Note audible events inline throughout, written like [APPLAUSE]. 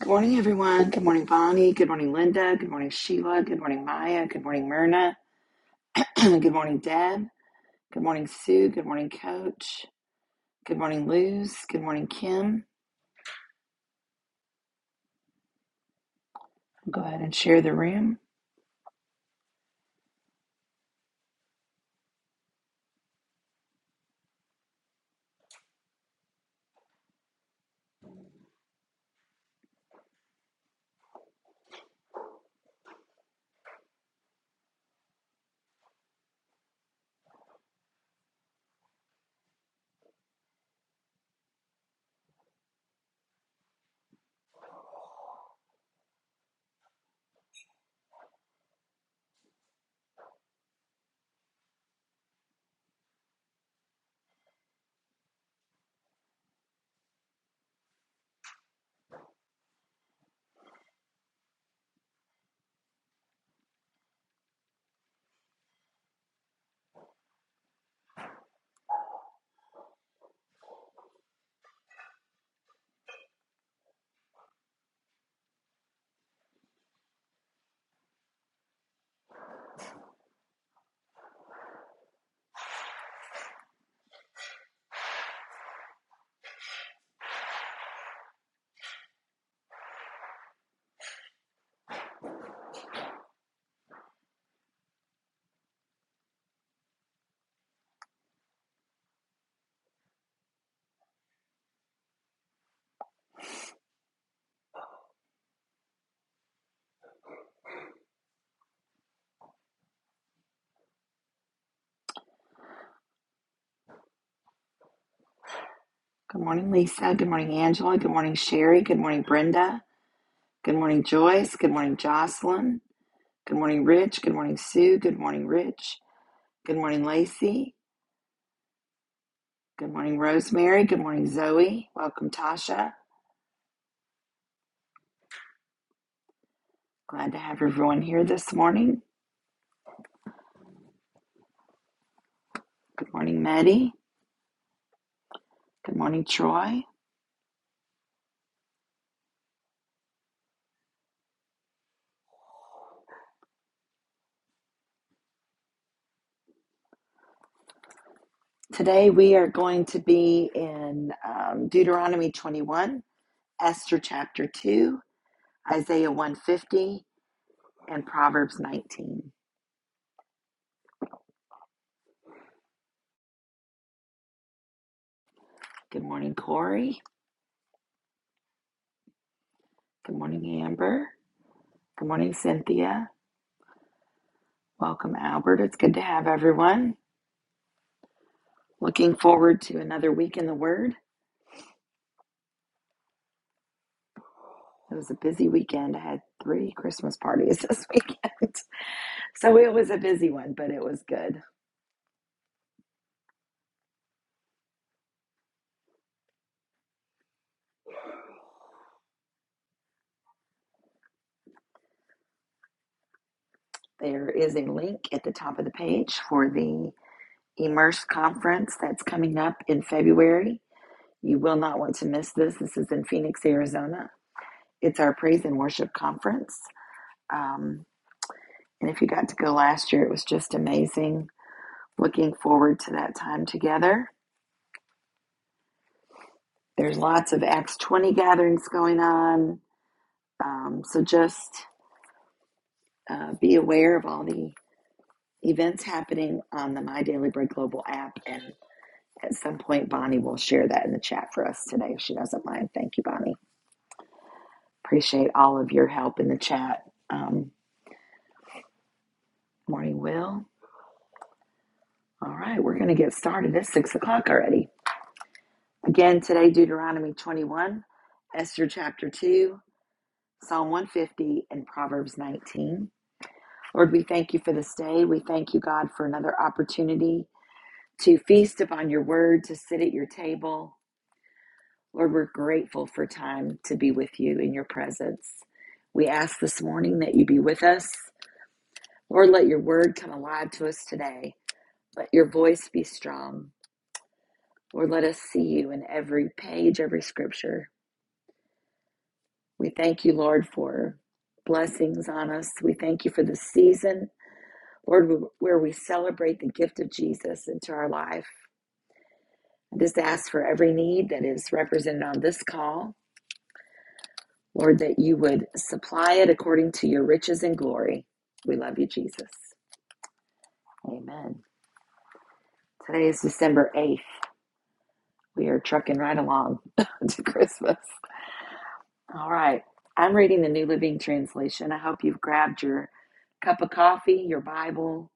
Good morning, everyone. Good morning, Bonnie. Good morning, Linda. Good morning, Sheila. Good morning, Maya. Good morning, Myrna. [CLEARS THROAT] Good morning, Deb. Good morning, Sue. Good morning, Coach. Good morning, Luz. Good morning, Kim. go ahead and share the room. Good morning, Lisa. Good morning, Angela. Good morning, Sherry. Good morning, Brenda. Good morning, Joyce. Good morning, Jocelyn. Good morning, Rich. Good morning, Sue. Good morning, Rich. Good morning, Lacey. Good morning, Rosemary. Good morning, Zoe. Welcome, Tasha. Glad to have everyone here this morning. Good morning, Maddie. Good morning, Troy. Today we are going to be in um, Deuteronomy 21, Esther chapter 2, Isaiah 150, and Proverbs 19. Good morning, Corey. Good morning, Amber. Good morning, Cynthia. Welcome, Albert. It's good to have everyone. Looking forward to another week in the Word. It was a busy weekend. I had three Christmas parties [LAUGHS] this weekend. So it was a busy one, but it was good. There is a link at the top of the page for the Immerse conference that's coming up in February. You will not want to miss this. This is in Phoenix, Arizona. It's our praise and worship conference. Um, and if you got to go last year, it was just amazing. Looking forward to that time together. There's lots of Acts 20 gatherings going on. Um, so just uh, be aware of all the events happening on the My Daily Bread Global app and At some point, Bonnie will share that in the chat for us today if she doesn't mind. Thank you, Bonnie. Appreciate all of your help in the chat. Um, morning, Will. All right, we're going to get started. It's six o'clock already. Again, today, Deuteronomy 21, Esther chapter 2, Psalm 150, and Proverbs 19. Lord, we thank you for this day. We thank you, God, for another opportunity to feast upon your word, to sit at your table. Lord, we're grateful for time to be with you in your presence. We ask this morning that you be with us. Lord, let your word come alive to us today. Let your voice be strong. Lord, let us see you in every page, every scripture. We thank you, Lord, for blessings on us. We thank you for this season, Lord, where we celebrate the gift of Jesus into our life. I just ask for every need that is represented on this call. Lord, that you would supply it according to your riches and glory. We love you, Jesus. Amen. Today is December 8th. We are trucking right along [LAUGHS] to Christmas. All right. I'm reading the New Living Translation. I hope you've grabbed your cup of coffee, your Bible,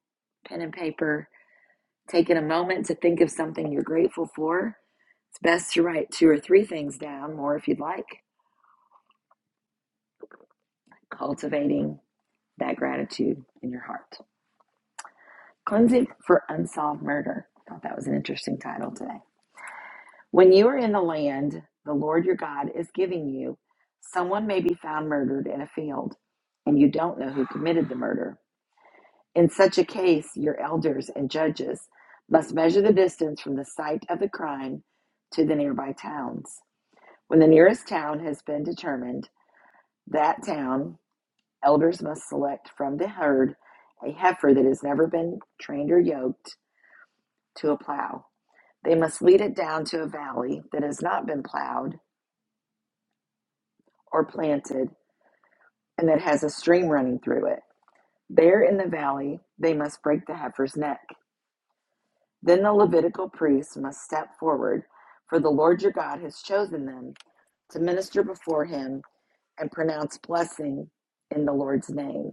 pen and paper, taken a moment to think of something you're grateful for. It's best to write two or three things down, more if you'd like, cultivating that gratitude in your heart. Cleansing for Unsolved Murder. I thought that was an interesting title today. When you are in the land the Lord your God is giving you, someone may be found murdered in a field, and you don't know who committed the murder. In such a case, your elders and judges must measure the distance from the site of the crime to the nearby towns. When the nearest town has been determined, that town, elders must select from the herd a heifer that has never been trained or yoked to a plow. They must lead it down to a valley that has not been plowed or planted and that has a stream running through it. There in the valley, they must break the heifer's neck. Then the Levitical priests must step forward, for the Lord your God has chosen them to minister before him and pronounce blessing in the Lord's name.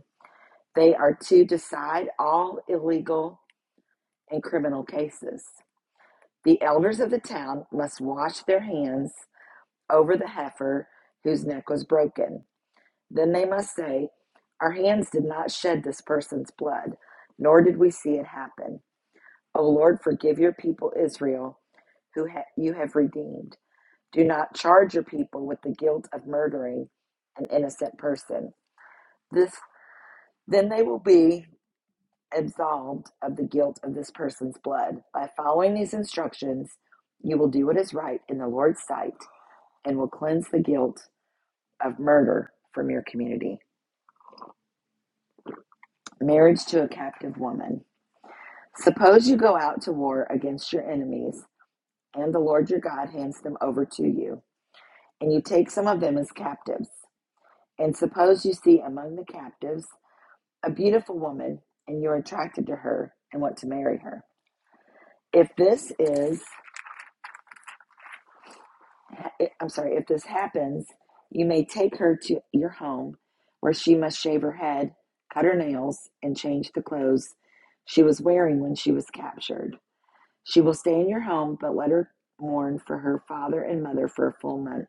They are to decide all illegal and criminal cases. The elders of the town must wash their hands over the heifer whose neck was broken. Then they must say, Our hands did not shed this person's blood, nor did we see it happen. O Lord, forgive your people Israel, who ha- you have redeemed. Do not charge your people with the guilt of murdering an innocent person. This, then they will be absolved of the guilt of this person's blood. By following these instructions, you will do what is right in the Lord's sight and will cleanse the guilt of murder from your community. Marriage to a captive woman. Suppose you go out to war against your enemies, and the Lord your God hands them over to you, and you take some of them as captives. And suppose you see among the captives a beautiful woman, and you are attracted to her and want to marry her. If this is, I'm sorry, if this happens, you may take her to your home, where she must shave her head, cut her nails, and change the clothes she was wearing when she was captured. She will stay in your home, but let her mourn for her father and mother for a full month.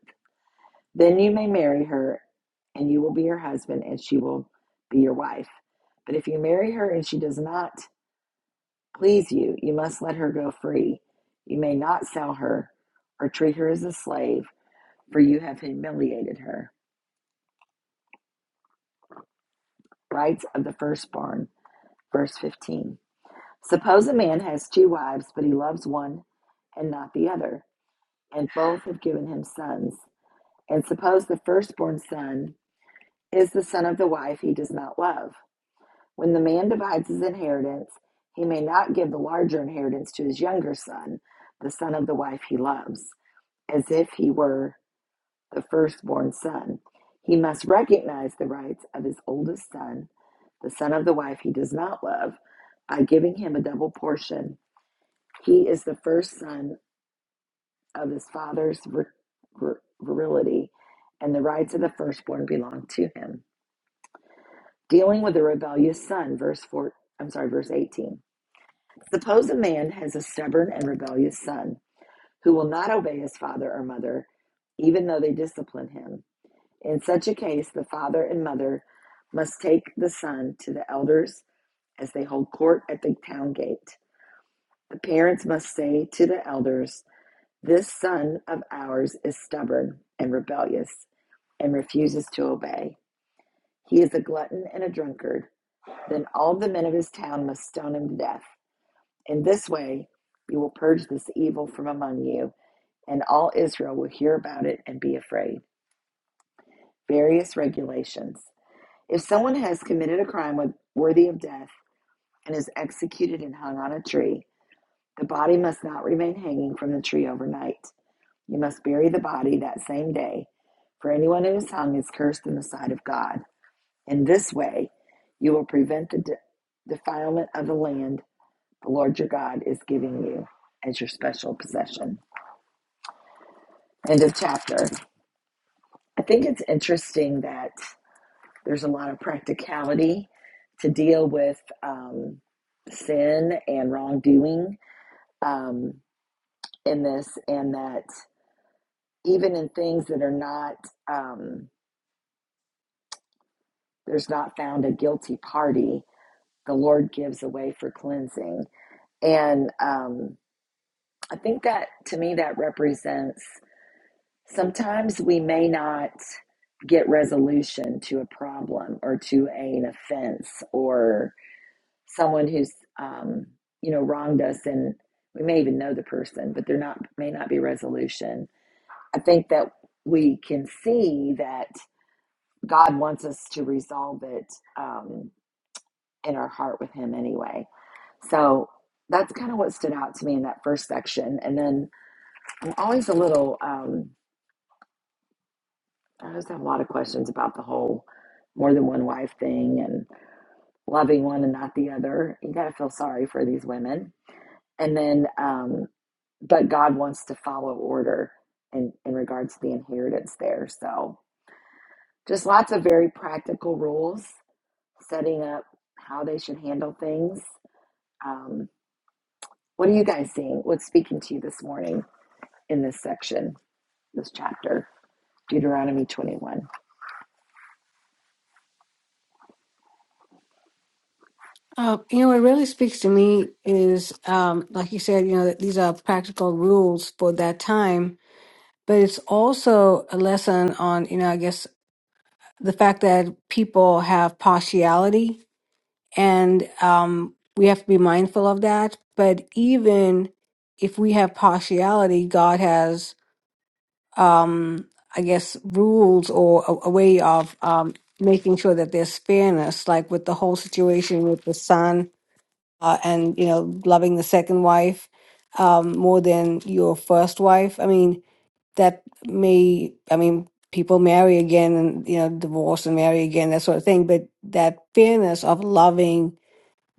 Then you may marry her, and you will be her husband, and she will be your wife. But if you marry her and she does not please you, you must let her go free. You may not sell her or treat her as a slave, for you have humiliated her. Rights of the firstborn, verse 15. Suppose a man has two wives, but he loves one and not the other, and both have given him sons. And suppose the firstborn son is the son of the wife he does not love. When the man divides his inheritance, he may not give the larger inheritance to his younger son, the son of the wife he loves, as if he were the firstborn son. He must recognize the rights of his oldest son, the son of the wife he does not love, by giving him a double portion. He is the first son of his father's vir- vir- virility, and the rights of the firstborn belong to him. Dealing with a rebellious son, verse 4, I'm sorry, verse 18. Suppose a man has a stubborn and rebellious son who will not obey his father or mother, even though they discipline him. In such a case, the father and mother must take the son to the elders as they hold court at the town gate. The parents must say to the elders, This son of ours is stubborn and rebellious and refuses to obey. He is a glutton and a drunkard Then all the men of his town must stone him to death. In this way you will purge this evil from among you, and all Israel will hear about it and be afraid. Various regulations. If someone has committed a crime worthy of death and is executed and hung on a tree, the body must not remain hanging from the tree overnight. You must bury the body that same day, for anyone who is hung is cursed in the sight of God. In this way you will prevent the de- defilement of the land the Lord your God is giving you as your special possession. End of chapter. I think it's interesting that there's a lot of practicality to deal with um, sin and wrongdoing um, in this, and that even in things that are not, um, there's not found a guilty party, the Lord gives away for cleansing. And um, I think that to me, that represents Sometimes we may not get resolution to a problem or to an offense or someone who's um, you know wronged us, and we may even know the person, but there not may not be resolution. I think that we can see that God wants us to resolve it um, in our heart with Him anyway. So that's kind of what stood out to me in that first section. And then I'm always a little. Um, I just have a lot of questions about the whole more than one wife thing and loving one and not the other. You got to feel sorry for these women. And then, um, but God wants to follow order in, in regards to the inheritance there. So, just lots of very practical rules, setting up how they should handle things. Um, what are you guys seeing? What's speaking to you this morning in this section, this chapter, Deuteronomy 21? Uh, you know, what really speaks to me is, um, like you said, you know, that these are practical rules for that time, but it's also a lesson on, you know, I guess the fact that people have partiality and um, we have to be mindful of that. But even if we have partiality, God has, um, I guess, rules or a, a way of um, making sure that there's fairness, like with the whole situation with the son uh, and you know loving the second wife um, more than your first wife i mean that may i mean people marry again and you know divorce and marry again that sort of thing but that fairness of loving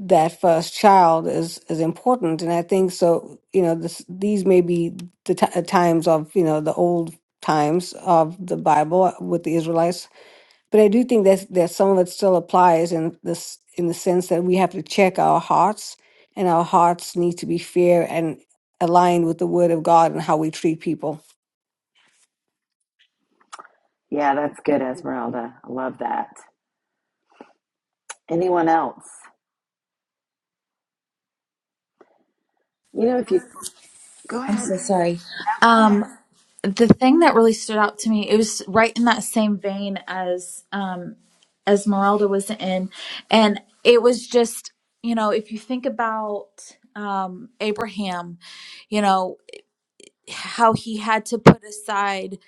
that first child is is important and i think so you know this, these may be the t- times of you know the old times of the bible with the israelites but I do think that's that some of it still applies in this in the sense that we have to check our hearts, and our hearts need to be fair and aligned with the Word of God and how we treat people. Yeah, that's good, Esmeralda. I love that. Anyone else? You know, if you go I'm ahead, so Cece. sorry. No, go Um, ahead. the thing that really stood out to me, it was right in that same vein as um, Esmeralda was in, and it was just, you know, if you think about um, Abraham, you know, how he had to put aside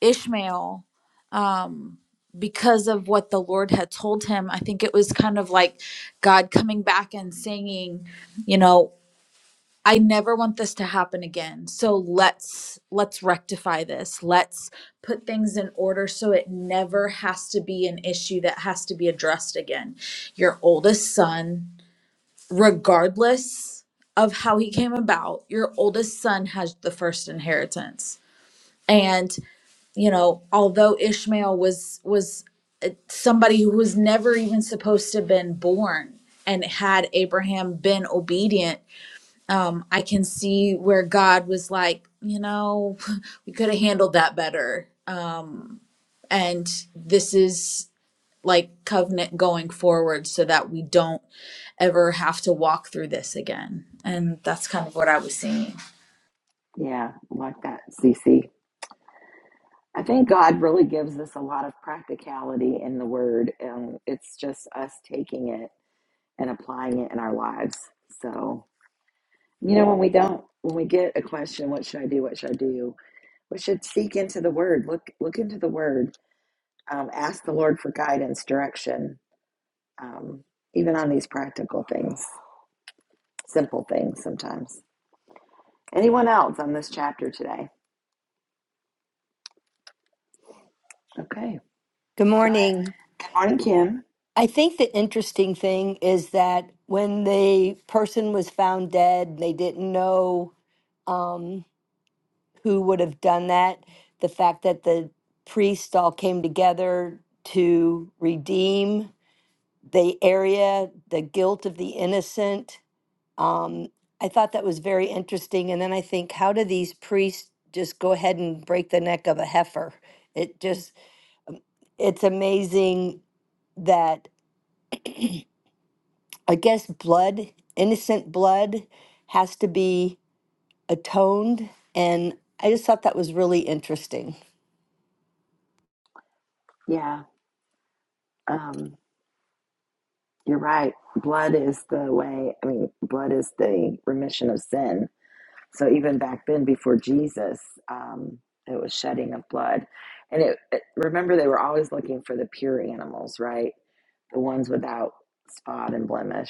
Ishmael um, because of what the Lord had told him. I think it was kind of like God coming back and saying, you know. I never want this to happen again. So let's let's rectify this. Let's put things in order so it never has to be an issue that has to be addressed again. Your oldest son, regardless of how he came about, your oldest son has the first inheritance. And, you know, although Ishmael was was somebody who was never even supposed to have been born and had Abraham been obedient um, I can see where God was like, you know, [LAUGHS] we could have handled that better. Um, and this is like covenant going forward so that we don't ever have to walk through this again. And that's kind of what I was seeing. Yeah, like that, Cece. I think God really gives us a lot of practicality in the Word, and it's just us taking it and applying it in our lives. So, you know, when we don't, when we get a question, what should I do? What should I do? We should seek into the Word. Look, look into the Word. Um, ask the Lord for guidance, direction, um, even on these practical things, simple things sometimes. Anyone else on this chapter today? Okay. Good morning. Good morning, Kim. I think the interesting thing is that when the person was found dead, they didn't know um, who would have done that. The fact that the priests all came together to redeem the area, the guilt of the innocent, um, I thought that was very interesting. And then I think, how do these priests just go ahead and break the neck of a heifer? It just, it's amazing that I guess blood, innocent blood, has to be atoned. And I just thought that was really interesting. Yeah, um, you're right. Blood is the way, I mean, blood is the remission of sin. So even back then, before Jesus, um, it was shedding of blood. And it, it, remember, they were always looking for the pure animals, right? The ones without spot and blemish.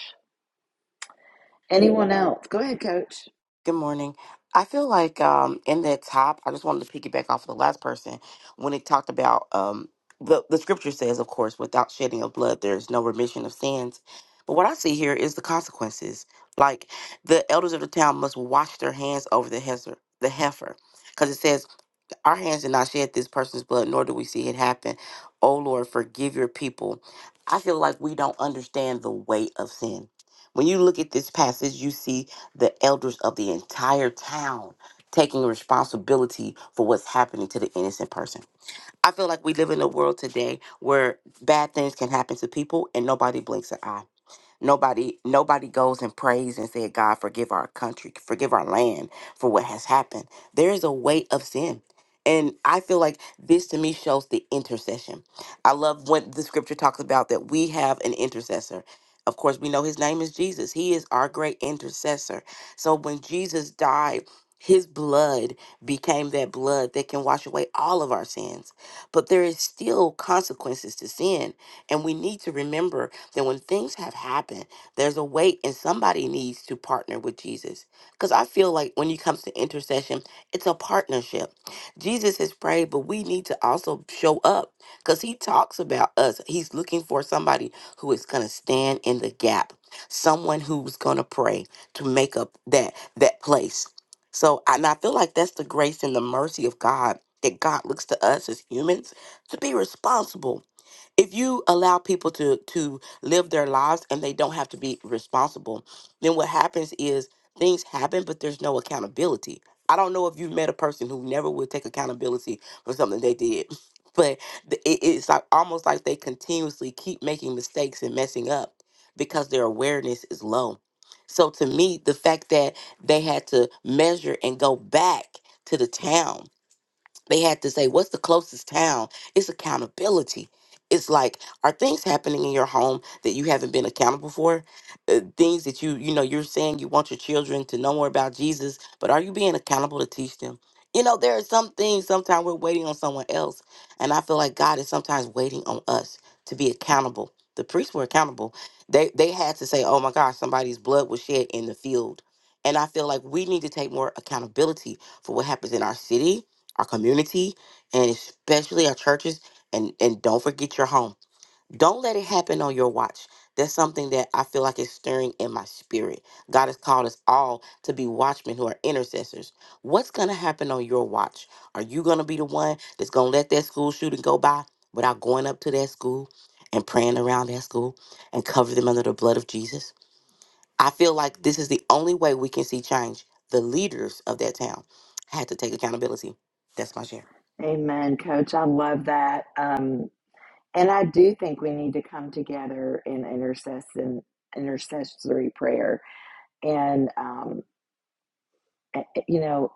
Anyone else? Go ahead, coach. Good morning. I feel like um, in that top, I just wanted to piggyback off of the last person when it talked about um, the the scripture says, of course, without shedding of blood, there is no remission of sins. But what I see here is the consequences. Like the elders of the town must wash their hands over the heifer, the heifer, because it says our hands did not shed this person's blood, nor do we see it happen. Oh Lord, forgive your people. I feel like we don't understand the weight of sin. When you look at this passage, you see the elders of the entire town taking responsibility for what's happening to the innocent person. I feel like we live in a world today where bad things can happen to people and nobody blinks an eye Nobody nobody goes and prays and said, God, forgive our country, forgive our land for what has happened. There is a weight of sin. And I feel like this to me shows the intercession. I love what the scripture talks about that we have an intercessor. Of course, we know his name is Jesus. He is our great intercessor. So when Jesus died, his blood became that blood that can wash away all of our sins. But there is still consequences to sin. And we need to remember then when things have happened, there's a weight and somebody needs to partner with Jesus. Because I feel like when it comes to intercession, it's a partnership. Jesus has prayed, but we need to also show up because he talks about us. He's looking for somebody who is going to stand in the gap, someone who's going to pray to make up that that place. So, and I feel like that's the grace and the mercy of God that God looks to us as humans to be responsible if you allow people to to live their lives and they don't have to be responsible then what happens is things happen but there's no accountability i don't know if you've met a person who never would take accountability for something they did [LAUGHS] but th- it- it's like almost like they continuously keep making mistakes and messing up because their awareness is low so to me the fact that they had to measure and go back to the town they had to say, What's the closest town? It's accountability. It's like, are things happening in your home that you haven't been accountable for? Uh, things that you, you know, you're saying you want your children to know more about Jesus, but are you being accountable to teach them? You know, there are some things sometimes we're waiting on someone else. And I feel like God is sometimes waiting on us to be accountable. The priests were accountable. They they had to say, Oh my gosh, somebody's blood was shed in the field. And I feel like we need to take more accountability for what happens in our city, our community, and especially our churches. And and don't forget your home. Don't let it happen on your watch. That's something that I feel like is stirring in my spirit. God has called us all to be watchmen who are intercessors. What's gonna happen on your watch? Are you gonna be the one that's gonna let that school shooting go by without going up to that school and praying around that school and cover them under the blood of Jesus? I feel like this is the only way we can see change. The leaders of that town had to take accountability. That's my share. Amen, coach. I love that. Um, And I do think we need to come together in intercession, intercessory prayer, and um, you know,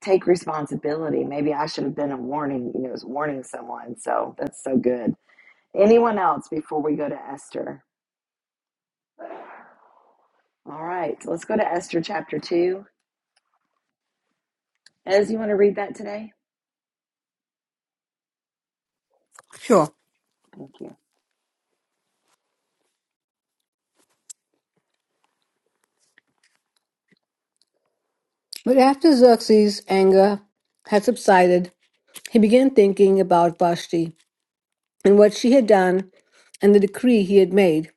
take responsibility. Maybe I should have been a warning. You know, was warning someone. So that's so good. Anyone else before we go to Esther? All right, so let's go to Esther chapter two. Ez, you want to read that today? Sure. Thank you. But after Xerxes' anger had subsided, he began thinking about Vashti and what she had done and the decree he had made.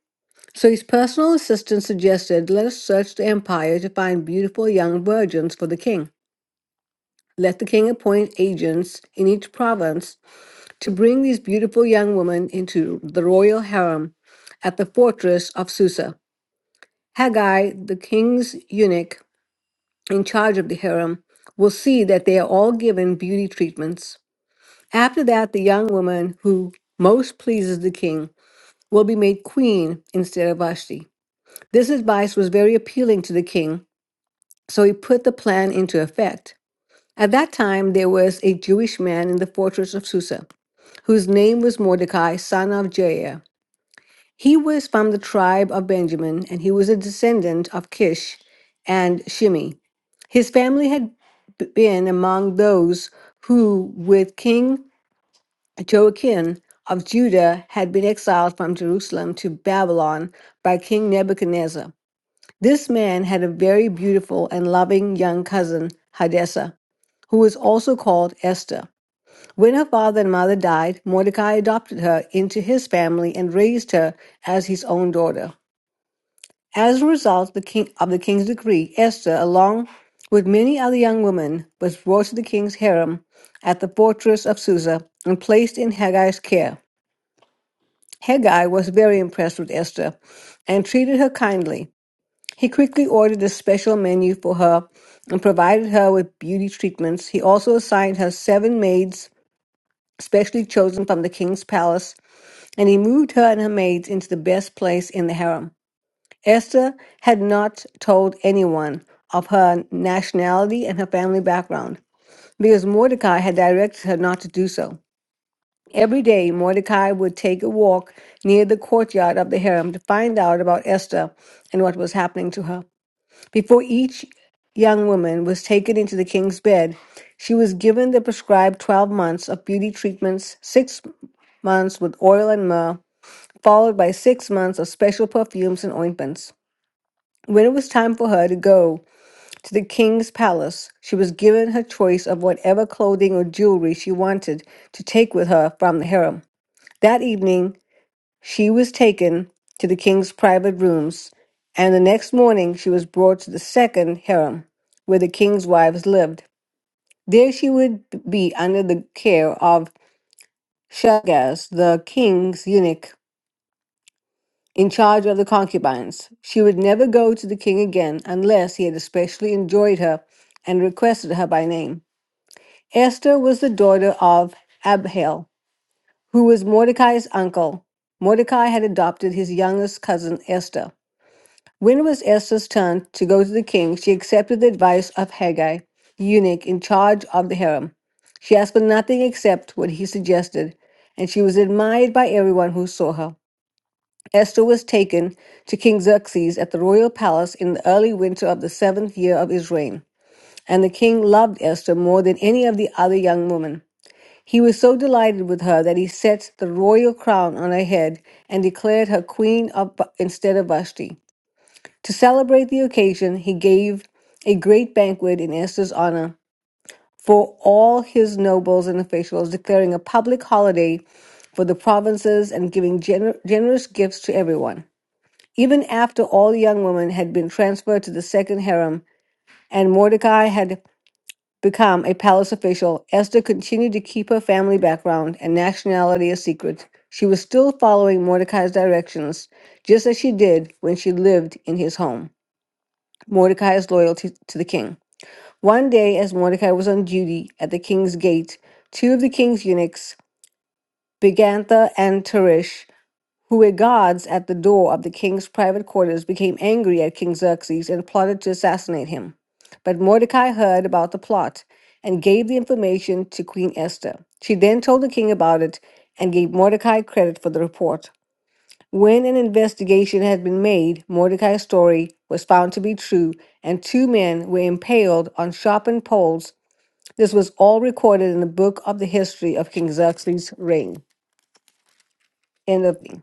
So his personal assistant suggested, Let us search the empire to find beautiful young virgins for the king. Let the king appoint agents in each province to bring these beautiful young women into the royal harem at the fortress of Susa. Haggai, the king's eunuch in charge of the harem, will see that they are all given beauty treatments. After that, the young woman who most pleases the king will be made queen instead of Vashti. This advice was very appealing to the king, so he put the plan into effect. At that time, there was a Jewish man in the fortress of Susa, whose name was Mordecai, son of Jair. He was from the tribe of Benjamin, and he was a descendant of Kish and Shimi. His family had b- been among those who, with King Joachim of Judah, had been exiled from Jerusalem to Babylon by King Nebuchadnezzar. This man had a very beautiful and loving young cousin, Hadassah who was also called Esther. When her father and mother died, Mordecai adopted her into his family and raised her as his own daughter. As a result the king- of the king's decree, Esther, along with many other young women, was brought to the king's harem at the fortress of Susa and placed in Haggai's care. Haggai was very impressed with Esther and treated her kindly. He quickly ordered a special menu for her and provided her with beauty treatments. He also assigned her seven maids, specially chosen from the king's palace, and he moved her and her maids into the best place in the harem. Esther had not told anyone of her nationality and her family background because Mordecai had directed her not to do so. Every day, Mordecai would take a walk near the courtyard of the harem to find out about Esther and what was happening to her. Before each young woman was taken into the king's bed, she was given the prescribed 12 months of beauty treatments, six months with oil and myrrh, followed by six months of special perfumes and ointments. When it was time for her to go, to the king's palace, she was given her choice of whatever clothing or jewelry she wanted to take with her from the harem. That evening, she was taken to the king's private rooms, and the next morning she was brought to the second harem, where the king's wives lived. There she would be under the care of Shagaz, the king's eunuch, in charge of the concubines. She would never go to the king again unless he had especially enjoyed her and requested her by name. Esther was the daughter of Abihail, who was Mordecai's uncle. Mordecai had adopted his youngest cousin Esther. When it was Esther's turn to go to the king, she accepted the advice of Haggai, eunuch in charge of the harem. She asked for nothing except what he suggested, and she was admired by everyone who saw her. Esther was taken to King Xerxes at the royal palace in the early winter of the seventh year of his reign, and the king loved Esther more than any of the other young women. He was so delighted with her that he set the royal crown on her head and declared her queen of, Bu- instead of Vashti. To celebrate the occasion, he gave a great banquet in Esther's honor for all his nobles and officials, declaring a public holiday for the provinces and giving gener- generous gifts to everyone. Even after all the young women had been transferred to the second harem and Mordecai had become a palace official, Esther continued to keep her family background and nationality a secret. She was still following Mordecai's directions, just as she did when she lived in his home. Mordecai's loyalty to the king. One day, as Mordecai was on duty at the king's gate, two of the king's eunuchs, Bigantha and Teresh, who were guards at the door of the king's private quarters, became angry at King Xerxes and plotted to assassinate him. But Mordecai heard about the plot and gave the information to Queen Esther. She then told the king about it and gave Mordecai credit for the report. When an investigation had been made, Mordecai's story was found to be true, and two men were impaled on sharpened poles. This was all recorded in the book of the history of King Xerxes' reign. End of reading.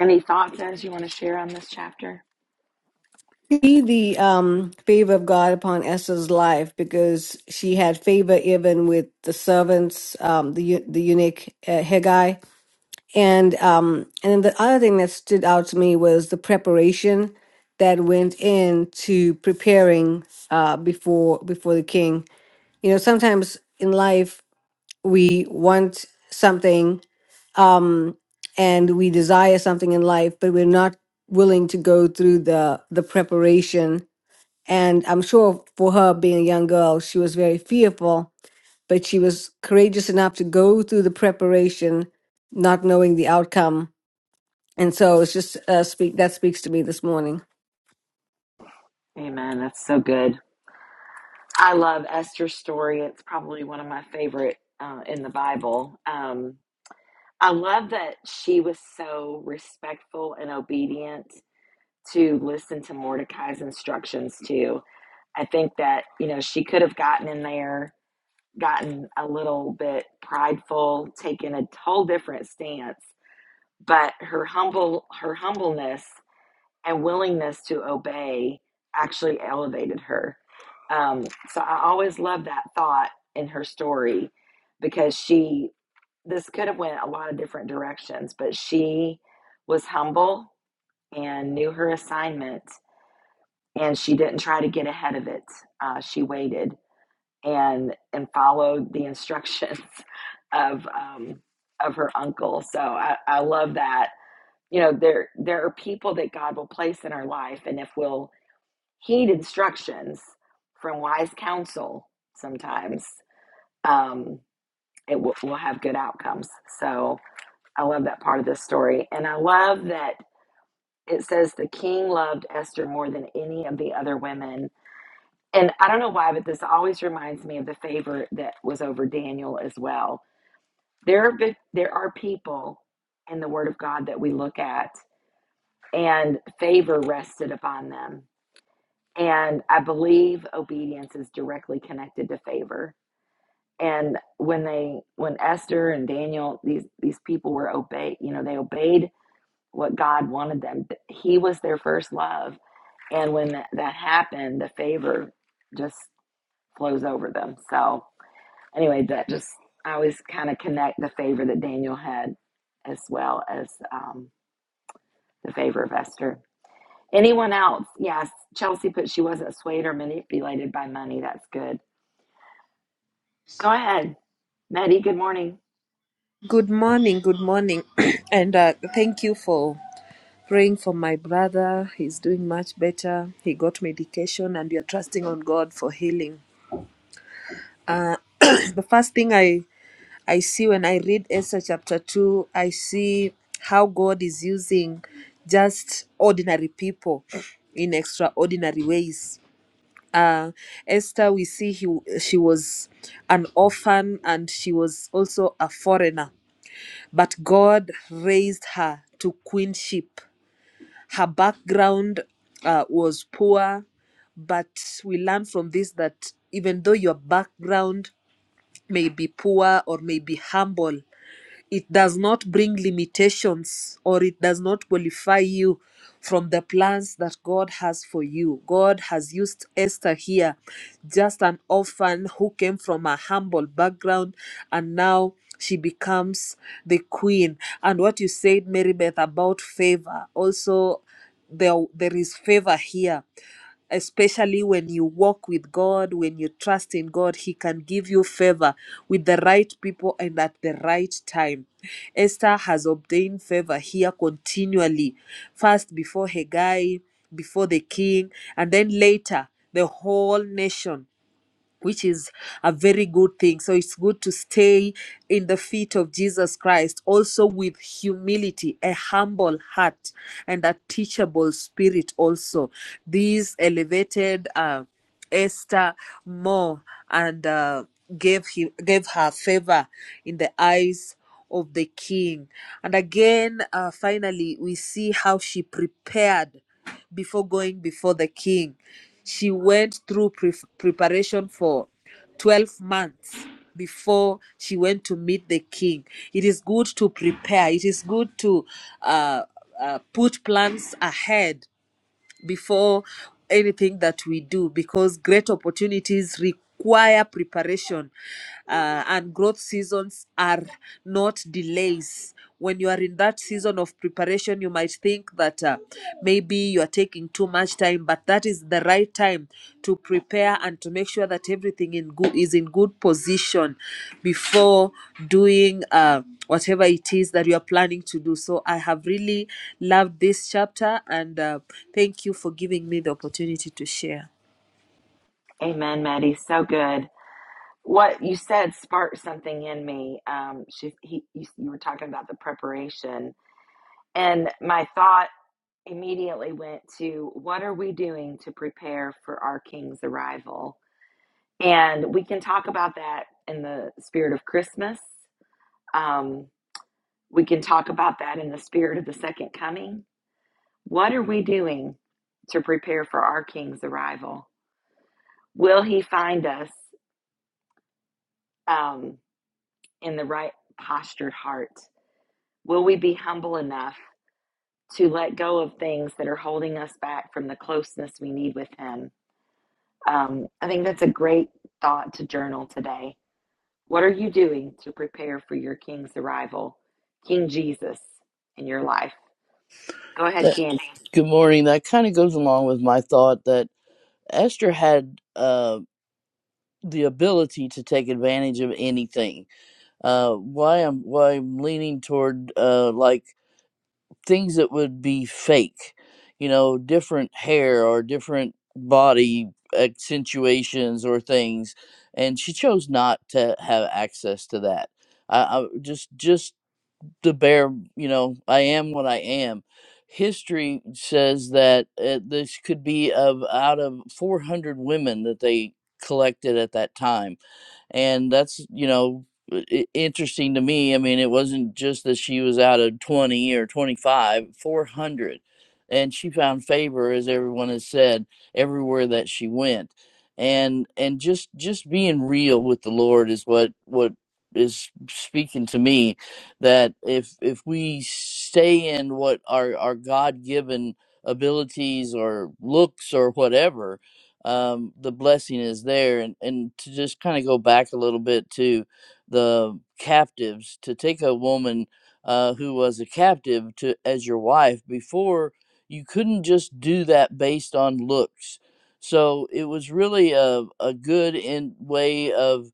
Any thoughts, Ez, you want to share on this chapter? see the um, favor of God upon Esther's life because she had favor even with the servants, um, the eu- the eunuch uh, Haggai, and um, and then the other thing that stood out to me was the preparation that went into preparing uh, before before the king. You know, sometimes in life we want something um, and we desire something in life, but we're not willing to go through the the preparation and I'm sure for her being a young girl, she was very fearful, but she was courageous enough to go through the preparation, not knowing the outcome. And so it's just uh, speak that speaks to me this morning. Amen. That's so good. I love Esther's story. It's probably one of my favorite uh, in the Bible. Um, I love that she was so respectful and obedient to listen to Mordecai's instructions, too. I think that, you know, she could have gotten in there, gotten a little bit prideful, taken a whole different stance, but her humble her humbleness and willingness to obey actually elevated her. Um, so I always love that thought in her story because she this could have went a lot of different directions, but she was humble and knew her assignment, and she didn't try to get ahead of it. Uh, she waited and and followed the instructions [LAUGHS] of um, of her uncle. So I, I love that. You know, there there are people that God will place in our life, and if we'll heed instructions from wise counsel sometimes um, it will, will have good outcomes so i love that part of this story and i love that it says the king loved esther more than any of the other women and i don't know why but this always reminds me of the favor that was over daniel as well there are there are people in the word of god that we look at and favor rested upon them And I believe obedience is directly connected to favor. And when they, when Esther and Daniel, these these people were obeyed, you know, they obeyed what God wanted them. He was their first love, and when that, that happened, the favor just flows over them. So anyway, that just I always kind of connect the favor that Daniel had, as well as um, the favor of Esther. Anyone else? Yes, Chelsea put she wasn't swayed or manipulated by money. That's good. Go ahead, Maddie. Good morning. Good morning, good morning. [CLEARS THROAT] and uh, thank you for praying for my brother. He's doing much better. He got medication and we are trusting on God for healing. [CLEARS THROAT] the first thing I, I see when I read Esther chapter 2, I see how God is using just ordinary people in extraordinary ways. Uh, Esther, we see he, she was an orphan and she was also a foreigner but God raised her to queenship. Her background uh, was poor, but we learn from this that even though your background may be poor or may be humble, it does not bring limitations or it does not qualify you from the plans that God has for you. God has used Esther here, just an orphan who came from a humble background and now she becomes the queen. And what you said, Mary Beth, about favor, also there, there is favor here especially when you walk with God, when you trust in God, He can give you favor with the right people and at the right time. Esther has obtained favor here continually, first before Haggai, before the king, and then later the whole nation which is a very good thing. So it's good to stay in the feet of Jesus Christ, also with humility, a humble heart, and a teachable spirit. Also, these elevated uh, Esther more and uh, gave him gave her favor in the eyes of the king. And again, uh, finally, we see how she prepared before going before the king. She went through pre- preparation for 12 months before she went to meet the king. It is good to prepare, it is good to uh, uh, put plans ahead before anything that we do because great opportunities require preparation uh, and growth seasons are not delays when you are in that season of preparation you might think that uh, maybe you are taking too much time but that that is the right time to prepare and to make sure that everything in good is in good position before doing uh, whatever it is that you are planning to do so i have really loved this chapter and uh, thank you for giving me the opportunity to share Amen, Maddie. So good. What you said sparked something in me. Um, she, he, you, you were talking about the preparation, and my thought immediately went to what are we doing to prepare for our King's arrival? And we can talk about that in the spirit of Christmas. Um, we can talk about that in the spirit of the second coming. What are we doing to prepare for our King's arrival? Will he find us? um, in the right postured heart? Will we be humble enough to let go of things that are holding us back from the closeness we need with Him? Um, I think that's a great thought to journal today. What are you doing to prepare for your King's arrival, King Jesus, in your life? Go ahead, That- Candy. Good morning. That kind of goes along with my thought that Esther had uh, the ability to take advantage of anything. Uh, why I'm why I'm leaning toward uh, like things that would be fake, you know, different hair or different body accentuations or things, and she chose not to have access to that. I, I just just the bare, you know, I am what I am. History says that uh, this could be of out of 400 women that they collected at that time. And that's, you know, i- i- interesting to me. I mean, it wasn't just that she was out of 20 or 25, 400. And she found favor, as everyone has said, everywhere that she went. And and just just being real with the Lord is what what is speaking to me that if if we stay in what our our God given abilities or looks or whatever, um, the blessing is there. And and to just kind of go back a little bit to the captives, to take a woman uh, who was a captive to as your wife before, you couldn't just do that based on looks. So it was really a, a good in way of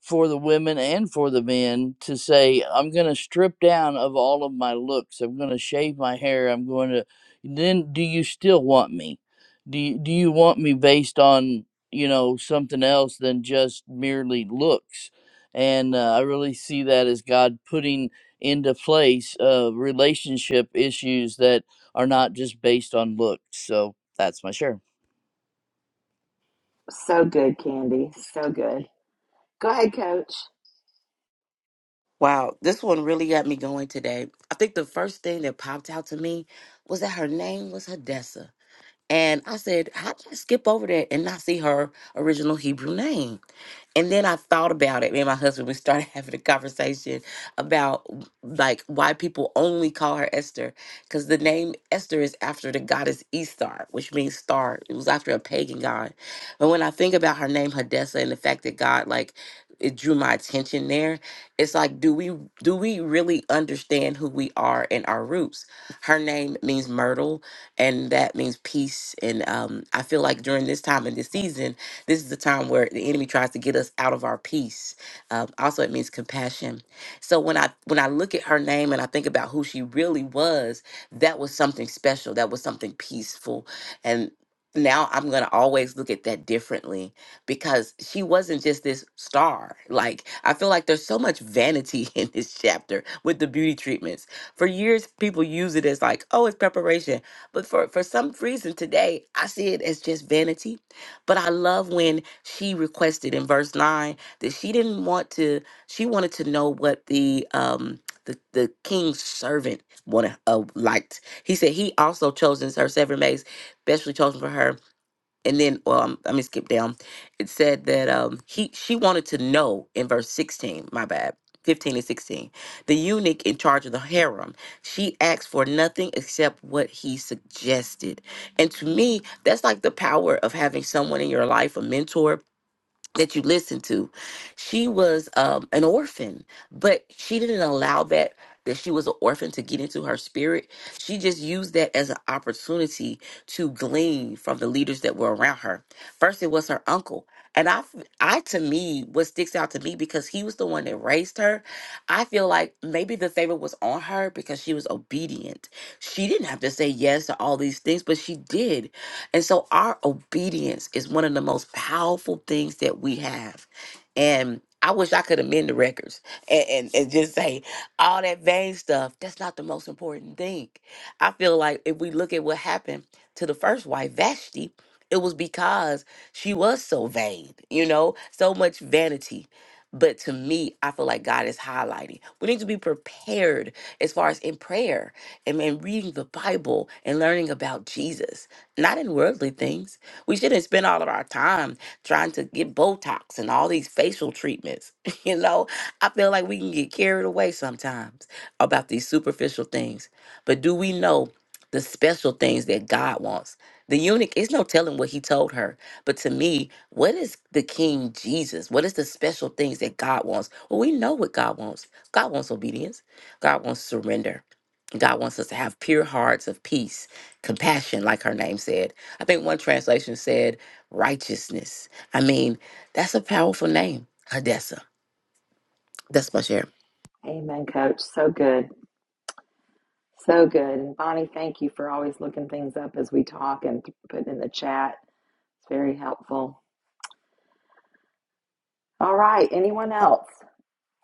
for the women and for the men to say, I'm going to strip down of all of my looks. I'm going to shave my hair. I'm going to. Then, do you still want me? Do you, do you want me based on you know something else than just merely looks? And uh, I really see that as God putting into place uh, relationship issues that are not just based on looks. So that's my share. So good, Candy. So good. Go ahead, Coach. Wow, this one really got me going today. I think the first thing that popped out to me was that her name was Hadessa. And I said, how did I skip over that and not see her original Hebrew name? And then I thought about it. Me and my husband, we started [LAUGHS] having a conversation about w- like why people only call her Esther. Because the name Esther is after the goddess Estar, which means star. It was after a pagan god. But when I think about her name Hadessa and the fact that God like it drew my attention there, it's like, do we do we really understand who we are and our roots? Her name means myrtle, and that means peace. And um, I feel like during this time in this season, this is the time where the enemy tries to get us out of our peace. Um, also, it means compassion. So when I when I look at her name and I think about who she really was, that was something special. That was something peaceful, and now I'm going to always look at that differently because she wasn't just this star. Like, I feel like there's so much vanity [LAUGHS] in this chapter with the beauty treatments. For years, people use it as like, oh, it's preparation. But for, for some reason today, I see it as just vanity but I love when she requested in verse 9 that she didn't want to, she wanted to know what the, um, the, the king's servant wanted, uh, liked. He said he also chosen her seven maids, specially chosen for her and then well, um let me skip down it said that um he she wanted to know in verse 16 my bad 15 and 16 the eunuch in charge of the harem she asked for nothing except what he suggested and to me that's like the power of having someone in your life a mentor that you listen to. She was um, an orphan, but she didn't allow that that she was an orphan to get into her spirit. She just used that as an opportunity to glean from the leaders that were around her. First, it was her uncle, and I, I to me, what sticks out to me because he was the one that raised her. I feel like maybe the favor was on her because she was obedient. She didn't have to say yes to all these things, but she did. And so our obedience is one of the most powerful things that we have. And I wish I could amend the records and, and, and just say all that vain stuff, that's not the most important thing. I feel like if we look at what happened to the first wife, Vashti, it was because she was so vain, you know, so much vanity. But to me, I feel like God is highlighting. We need to be prepared as far as in prayer and, and reading the Bible and learning about Jesus not in worldly things. We shouldn't spend all of our time trying to get Botox and all these facial treatments. [LAUGHS] you know, I feel like we can get carried away sometimes about these superficial things. But do we know the special things that God wants? The eunuch, it's no telling what he told her. But to me, what is the King Jesus? What is the special things that God wants? Well, we know what God wants. God wants obedience. God wants surrender. God wants us to have pure hearts of peace, compassion, like her name said. I think one translation said righteousness. I mean, that's a powerful name, Hadessa. That's my share. Amen, Coach. So good. So good. And Bonnie, thank you for always looking things up as we talk and putting in the chat. It's very helpful. All right. Anyone else?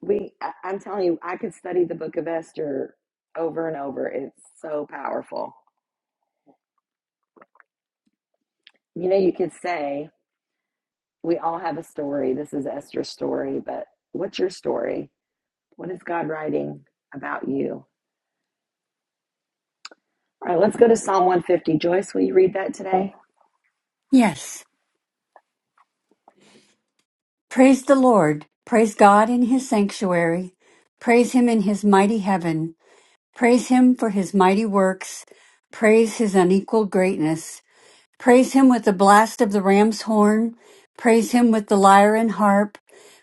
We, I- I'm telling you, I could study the book of Esther over and over. It's so powerful. You know, you could say we all have a story. This is Esther's story, but what's your story? What is God writing about you? All right, let's go to Psalm 150. Joyce, will you read that today? Yes. Praise the Lord. Praise God in his sanctuary. Praise him in his mighty heaven. Praise him for his mighty works. Praise his unequaled greatness. Praise him with the blast of the ram's horn. Praise him with the lyre and harp.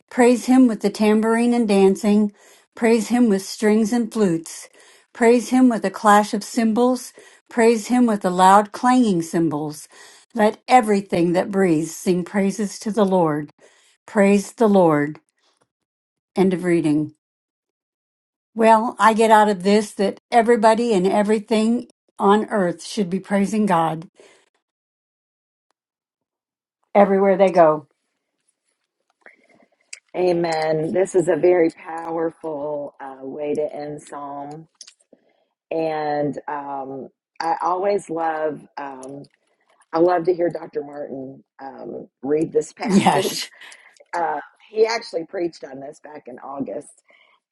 Praise him with the tambourine and dancing. Praise him with strings and flutes. Praise him with the clash of cymbals. Praise him with the loud clanging cymbals. Let everything that breathes sing praises to the Lord. Praise the Lord. End of reading. Well, I get out of this that everybody and everything on earth should be praising God everywhere they go. Amen. This is a very powerful uh, way to end Psalm. And um, I always love. um, I love to hear Dr. Martin um, read this [LAUGHS] Yes. passage. Uh, he actually preached on this back in August,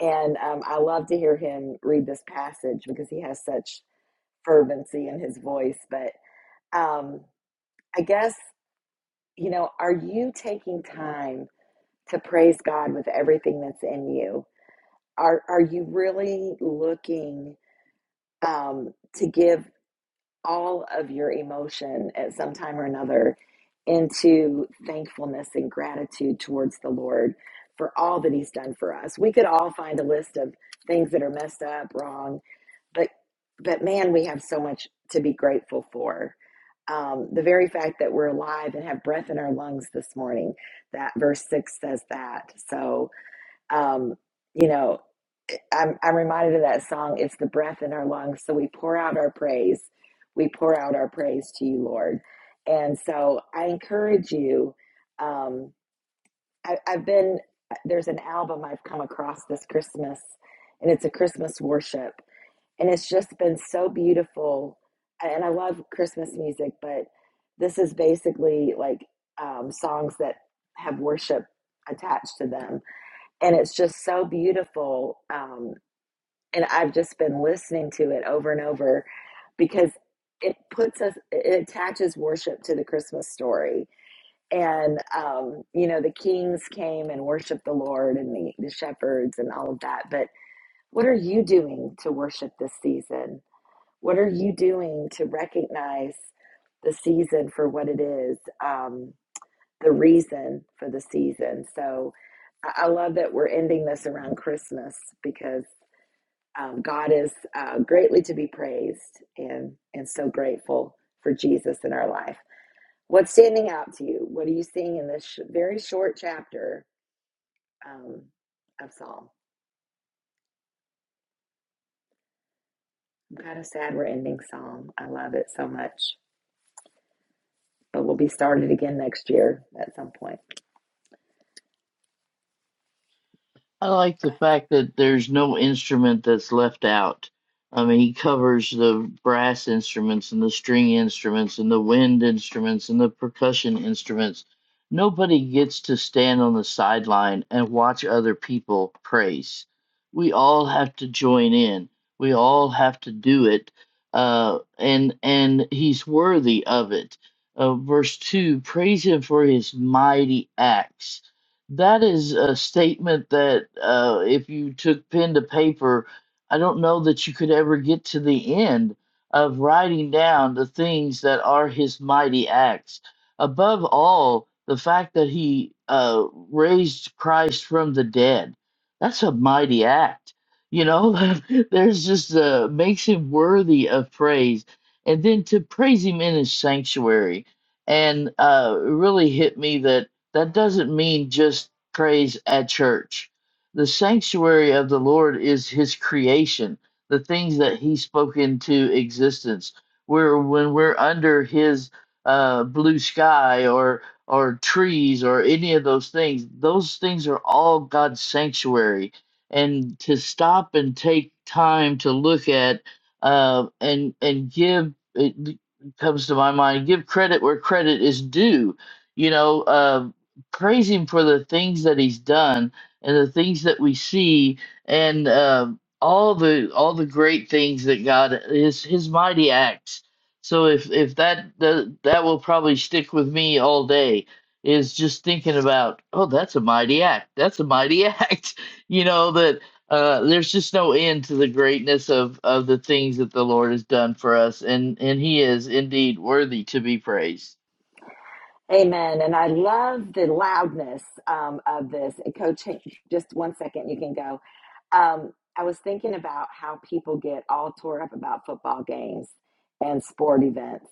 and um, I love to hear him read this passage because he has such fervency in his voice. But um, I guess, you know, are you taking time to praise God with everything that's in you? Are, are you really looking um, to give? all of your emotion at some time or another into thankfulness and gratitude towards the Lord for all that he's done for us. We could all find a list of things that are messed up, wrong, but but man, we have so much to be grateful for. Um, the very fact that we're alive and have breath in our lungs this morning, that verse six says that. So um, you know, eh, I'm, I'm reminded of that song, It's the Breath in Our Lungs. So we pour out our praise. We pour out our praise to you, Lord. And so I encourage you. Um, I, I've been, uh, there's an album I've come across this Christmas, and it's a Christmas worship. And it's just been so beautiful. And I love Christmas music, but this is basically like um, songs that have worship attached to them and it's just so beautiful um, and i've just been listening to it over and over because it puts us it attaches worship to the christmas story and um, you know the kings came and worshiped the lord and the, the shepherds and all of that but what are you doing to worship this season what are you doing to recognize the season for what it is Um, the reason for the season. So I love that we're ending this around Christmas because um, God is uh, greatly to be praised and, and so grateful for Jesus in our life. What's standing out to you? What are you seeing in this sh- very short chapter um, of Psalm? I'm kind of sad we're ending Psalm. I love it so much, but we'll be started again next year at some point. I like the fact that there's no instrument that's left out. I mean, he covers the brass instruments and the string instruments and the wind instruments and the percussion instruments. Nobody gets to stand on the sideline and watch other people praise. We all have to join in. We all have to do it, uh, and and he's worthy of it. Uh, verse two: Praise him for his mighty acts that is a statement that uh, if you took pen to paper, I don't know that you could ever get to the end of writing down the things that are his mighty acts. Above all, the fact that he uh, raised Christ from the dead. That's a mighty act. You know, [LAUGHS] there's just uh, makes him worthy of praise. And then to praise him in his sanctuary. And uh, it really hit me that that doesn't mean just praise at church. The sanctuary of the Lord is his creation, the things that he spoke into existence. Where when we're under his uh, blue sky or or trees or any of those things, those things are all God's sanctuary. And to stop and take time to look at uh, and and give it comes to my mind give credit where credit is due you know uh, praise him for the things that he's done and the things that we see and um all the all the great things that God his his mighty acts. So if if that that, that will probably stick with me all day is just thinking about oh that's a mighty act that's a mighty [LAUGHS] act you know that uh, there's just no end to the greatness of of the things that the Lord has done for us and and He is indeed worthy to be praised. Amen. And I love the loudness um, of this. And Coach, hey, just one second, you can go. Um, I was thinking about how people get all tore up about football games and sport events.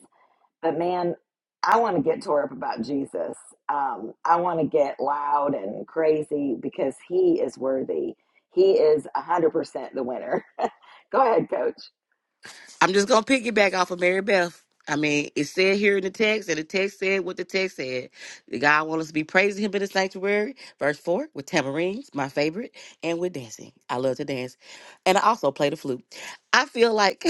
But man, I want to get tore up about Jesus. Um, I want to get loud and crazy because he is worthy. He is 100% the winner. [LAUGHS] go ahead, Coach. I'm just gonna piggyback off of Mary Beth. I mean, it said here in the text, and the text said what the text said. God wants us to be praising Him in the sanctuary, verse four, with tamarines, my favorite, and with dancing. I love to dance, and I also play the flute. I feel like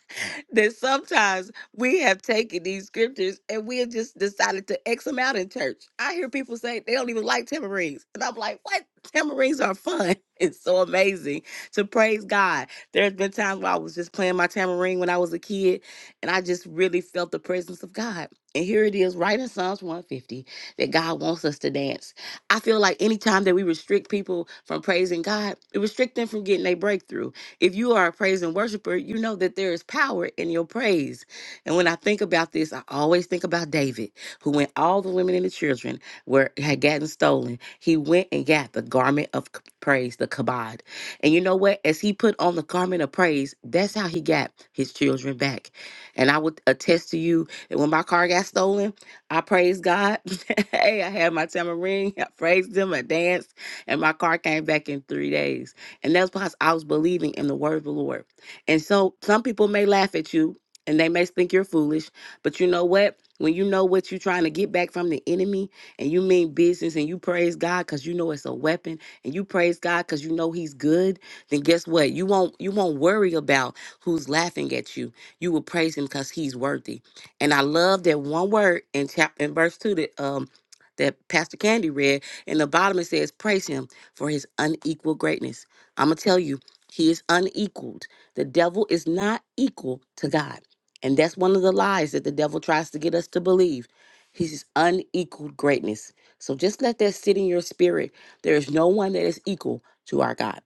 [LAUGHS] that sometimes we have taken these scriptures and we have just decided to X them out in church. I hear people say they don't even like tamarines, and I'm like, what? Tamarines are fun. [LAUGHS] It's so amazing to praise God. There's been times where I was just playing my tambourine when I was a kid, and I just really felt the presence of God. And here it is, right in Psalms 150, that God wants us to dance. I feel like anytime that we restrict people from praising God, it restrict them from getting a breakthrough. If you are a praise and worshiper, you know that there is power in your praise. And when I think about this, I always think about David, who when all the women and the children were had gotten stolen, he went and got the garment of c- praise, the kabod. And you know what? As he put on the garment of praise, that's how he got his children back. And I would attest to you that when my car got stolen, I praised God. [LAUGHS] hey, I had my tamarind, I praised him, I danced, and my car came back in three days. And that's because I was believing in the word of the Lord. And so some people may laugh at you and they may think you're foolish, but you know what? When you know what you're trying to get back from the enemy and you mean business and you praise God because you know it's a weapon and you praise God because you know He's good, then guess what? You won't you won't worry about who's laughing at you. You will praise Him because He's worthy. And I love that one word in chapter in verse two that um that Pastor Candy read in the bottom. It says, "Praise Him for His unequal greatness." I'm gonna tell you, He is unequaled. The devil is not equal to God, and that's one of the lies that the devil tries to get us to believe. He's his unequaled greatness. So just let that sit in your spirit there is no one that is equal to our God.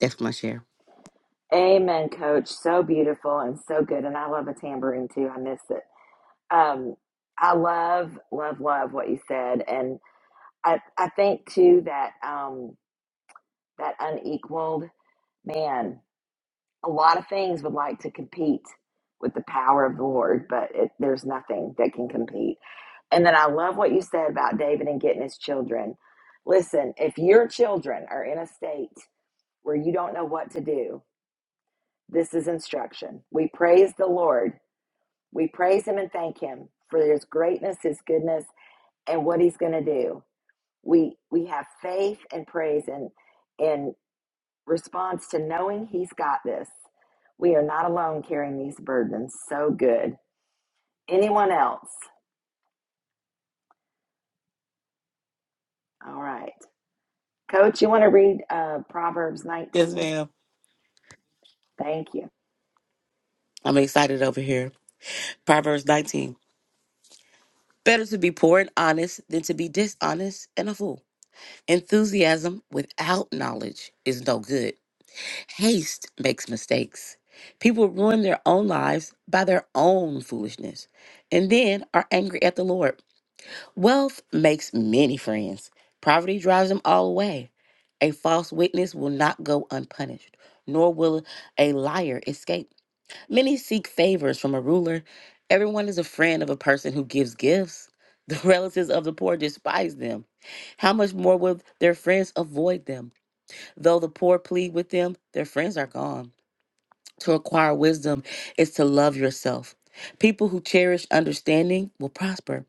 That's my share. Amen, Coach. So beautiful and so good. And I love a tambourine too. I miss it. Um, I love, love, love what you said, and I, I think too that um, that unequaled man. A lot of things would like to compete with the power of the Lord, but it, there's nothing that can compete. And then I love what you said about David and getting his children. Listen, if your children are in a state where you don't know what to do, this is instruction. We praise the Lord. We praise him and thank him for his greatness, his goodness, and what he's going to do. We we have faith and praise and in response to knowing he's got this. We are not alone carrying these burdens. So good. Anyone else? All right. Coach, you want to read uh, Proverbs Yes, 19? ma'am. Thank you. I'm excited over here. Proverbs 19. Better to be poor and honest than to be dishonest and a fool. Enthusiasm without knowledge is no good. Haste makes mistakes. People ruin their own lives by their own foolishness and then are angry at the Lord. Wealth makes many friends. Poverty drives them all away. A false witness will not go unpunished, nor will a liar escape. Many seek favors from a ruler. Everyone is a friend of a person who gives gifts. The [LAUGHS] relatives of the poor despise them. How much more will their friends avoid them? Though the poor plead with them, their friends are gone. To acquire wisdom is to love yourself. People who cherish understanding will prosper.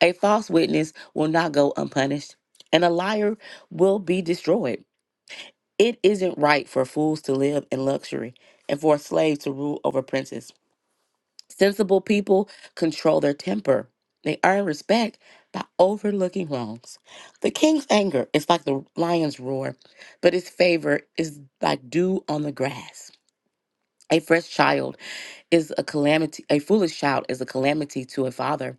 A false witness will not go unpunished, and a liar will be destroyed. It isn't right for fools to live in luxury and for a slave to rule over princes. Sensible people control their temper. They earn respect by overlooking wrongs. The king's anger is like the lion's roar, but his favor is like dew on the grass. A fresh child is a calamity, a foolish child is a calamity to a father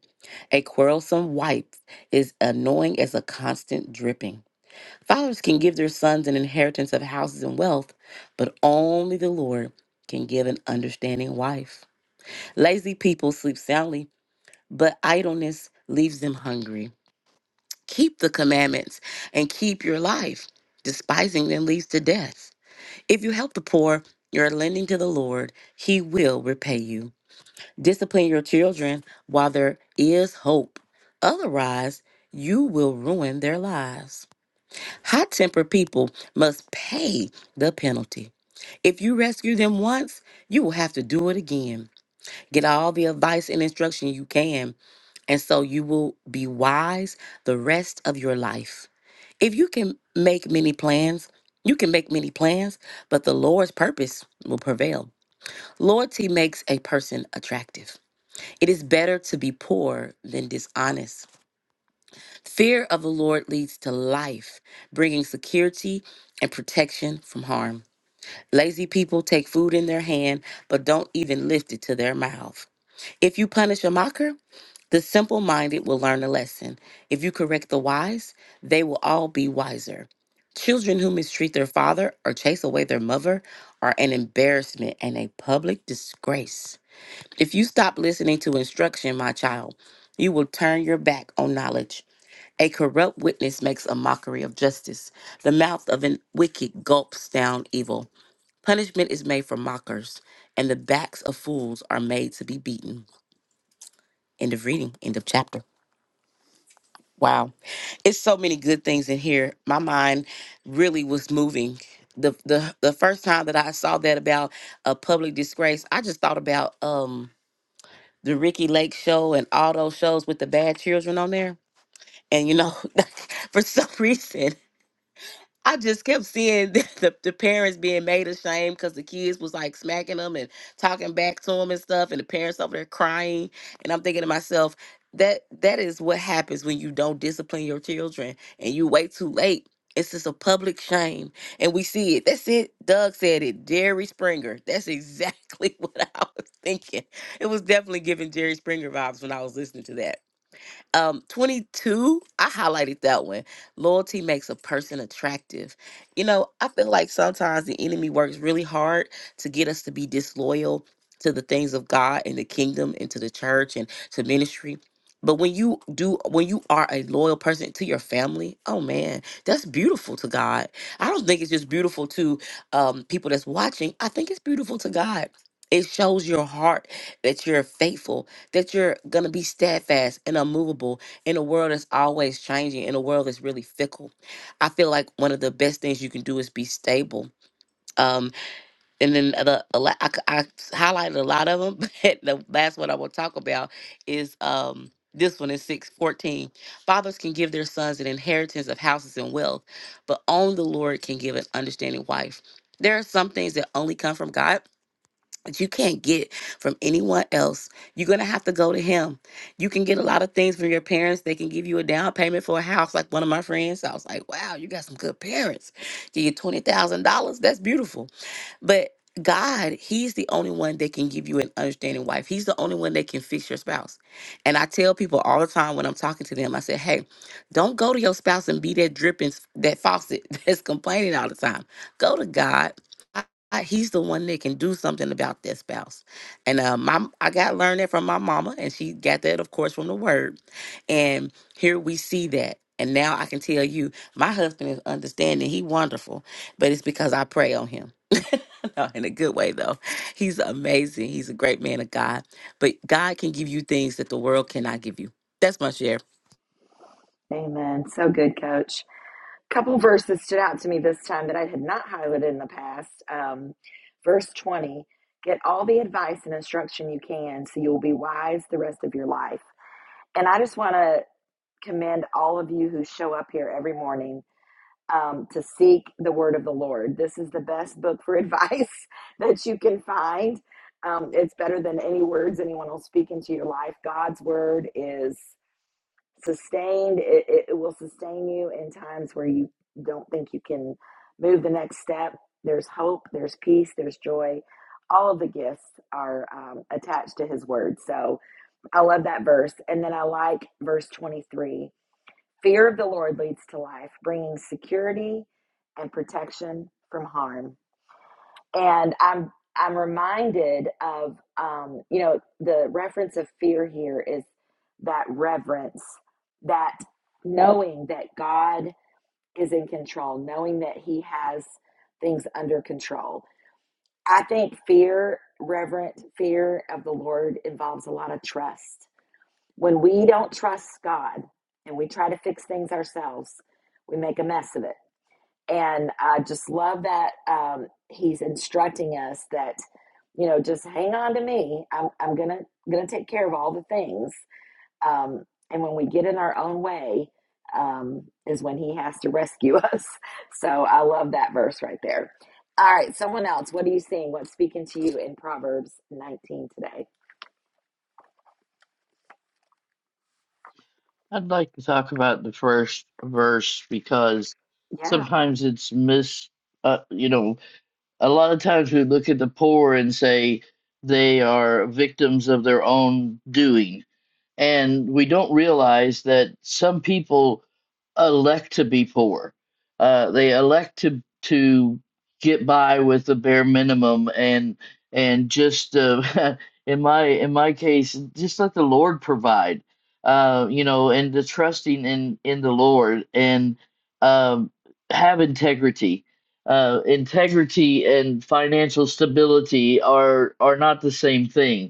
a quarrelsome wife is annoying as a constant dripping. Fathers can give their sons an inheritance of houses and wealth, but only the Lord can give an understanding wife. Lazy people sleep soundly, but idleness leaves them hungry. Keep the commandments and keep your life. Despising them leads to death. If you help the poor, you're lending to the Lord. He will repay you. Discipline your children while there is hope. Otherwise, you will ruin their lives. Hot tempered people must pay the penalty. If you rescue them once, you will have to do it again. Get all the advice and instruction you can, and so you will be wise the rest of your life. If you can make many plans, you can make many plans, but the Lord's purpose will prevail. Loyalty makes a person attractive. It is better to be poor than dishonest. Fear of the Lord leads to life, bringing security and protection from harm. Lazy people take food in their hand, but don't even lift it to their mouth. If you punish a mocker, the simple minded will learn a lesson. If you correct the wise, they will all be wiser. Children who mistreat their father or chase away their mother are an embarrassment and a public disgrace. If you stop listening to instruction, my child, you will turn your back on knowledge. A corrupt witness makes a mockery of justice. The mouth of an wicked gulps down evil. Punishment is made for mockers, and the backs of fools are made to be beaten. End of reading, end of chapter. Wow. It's so many good things in here. My mind really was moving. The the the first time that I saw that about a public disgrace, I just thought about um the Ricky Lake show and all those shows with the bad children on there. And you know, [LAUGHS] for some reason, I just kept seeing [LAUGHS] the, the, the parents being made ashamed because the kids was like smacking them and talking back to them and stuff, and the parents over there crying. And I'm thinking to myself, that that is what happens when you don't discipline your children and you wait too late. It's just a public shame, and we see it. That's it. Doug said it. Jerry Springer. That's exactly [LAUGHS] what I was thinking. It was definitely giving Jerry Springer vibes when I was listening to that. Um, 22, I highlighted that one. Loyalty makes a person attractive. You know, I feel like sometimes the enemy works really hard to get us to be disloyal to the things of God and the kingdom and to the church and to ministry. But when you do, when you are a loyal person to your family, oh man, that's beautiful to God. I don't think it's just beautiful to um, people that's watching. I think it's beautiful to God. It shows your heart that you're faithful that you're going to be steadfast and unmovable in a world that's always changing, in a world that's really fickle. I feel like one of the best things you can do is be stable. Um, and then the a lot- I, c- I highlighted a lot of them, [LAUGHS] but the last one I will talk about is um, this one is six fourteen. Fathers can give their sons an inheritance of houses and wealth, but only the Lord can give an understanding wife. There are some things that only come from God that you can't get from anyone else. You're going to have to go to him. You can get a lot of things from your parents. They can give you a down payment for a house, like one of my friends. I was like, wow, you got some good parents. Give you $20,000. That's beautiful. But God, He's the only one that can give you an understanding wife. He's the only one that can fix your spouse. And I tell people all the time when I'm talking to them, I say, hey, don't go to your spouse and be that dripping, that faucet [LAUGHS] that's complaining all the time. Go to God. I- he's the one that can do something about their spouse. And uh, my, I got learned that from my mama, and she got that, of course, from the word. And here we see that. And now I can tell you, my husband is understanding. He wonderful, but it's because I pray on him [LAUGHS] No, in a good way, though. He's amazing. He's a great man of God. But God can give you things that the world cannot give you. That's my share. Amen. So good, Coach. couple verses stood out to me this time that I had not highlighted in the past. Um, verse 20 Get all the advice and instruction you can so you'll be wise the rest of your life. And I just want to commend all of you who show up here every morning um, to seek the word of the Lord. This is the best book for advice [LAUGHS] that you can find. Um, it's better than any words anyone will speak into your life. God's word is sustained, it, it it will sustain you in times where you don't think you can move the next step. There's hope, there's peace, there's joy. All of the gifts are um, attached to his word. So I love that verse. And then I like verse 23 Fear of the Lord leads to life, bringing security and protection from harm. And I'm I'm reminded of um, you know the reference of fear here is that reverence, that knowing that God is in control, knowing that He has things under control. I think fear, reverent fear of the Lord involves a lot of trust when we don't trust God and we try to fix things ourselves, we make a mess of it. And I just love that um, he's instructing us that, you know, just hang on to me. I'm, I'm gonna gonna take care of all the things. Um, and when we get in our own way, um, is when he has to [LAUGHS] rescue us. So I love that verse right there. All right, someone else. What are you seeing? What's speaking to you in Proverbs 19 today? I'd like to talk about the first verse because Yeah, sometimes it's mis, uh, you know, a lot of times we look at the poor and say they are victims of their own doing and we don't realize that some people elect to be poor. Uh, they elect to to get by with the bare minimum and and just uh, [LAUGHS] in my in my case, just let the Lord provide. Uh, you know, and the trusting in in the Lord and um, have integrity. Uh, integrity and financial stability are are not the same thing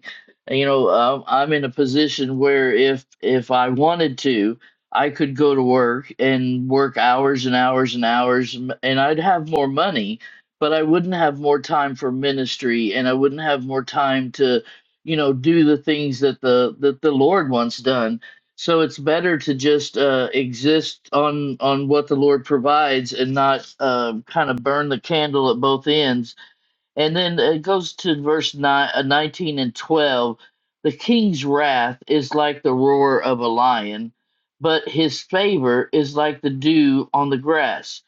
you know um, i'm in a position where if if i wanted to i could go to work and work hours and hours and hours m- and i'd have more money but i wouldn't have more time for ministry and i wouldn't have more time to you know do the things that the that the lord wants done so it's better to just uh, exist on on what the lord provides and not uh, kind of burn the candle at both ends and then it goes to verse nine, uh, 19 and 12. The king's wrath is like the roar of a lion, but his favor is like the dew on the grass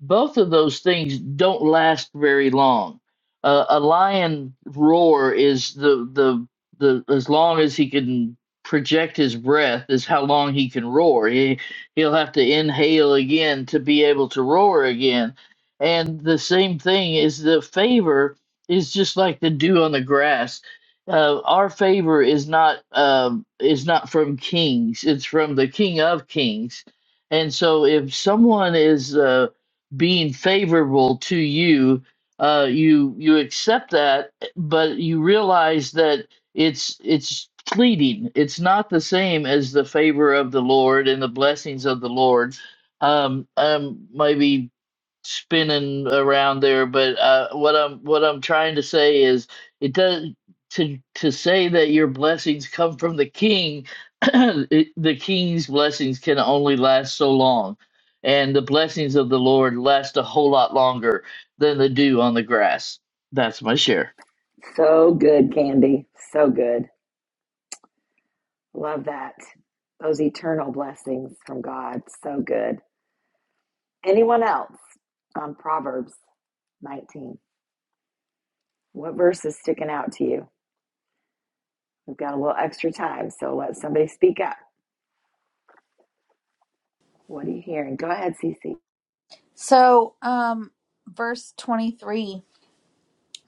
both of those things don't last very long. Uh, a lion roar is the, the the as long as he can project his breath is how long he can roar. He he'll have to inhale again to be able to roar again. And the same thing is the favor is just like the dew on the grass. Uh, our favor is not um, is not from kings. It's from the King of Kings. And so if someone is uh, being favorable to you uh you you accept that but you realize that it's it's fleeting it's not the same as the favor of the lord and the blessings of the lord um um maybe spinning around there, but uh, what I'm what I'm trying to say is it does to to say that your blessings come from the king. [CLEARS THROAT] it, the king's blessings can only last so long, and the blessings of the Lord last a whole lot longer than the dew on the grass. That's my share. so good, Candy. So good. Love that. Those eternal blessings from God. So good. Anyone else on Proverbs 19? What verse is sticking out to you? We've got a little extra time, so let somebody speak up. What are you hearing? Go ahead, Cece. So, um, verse 23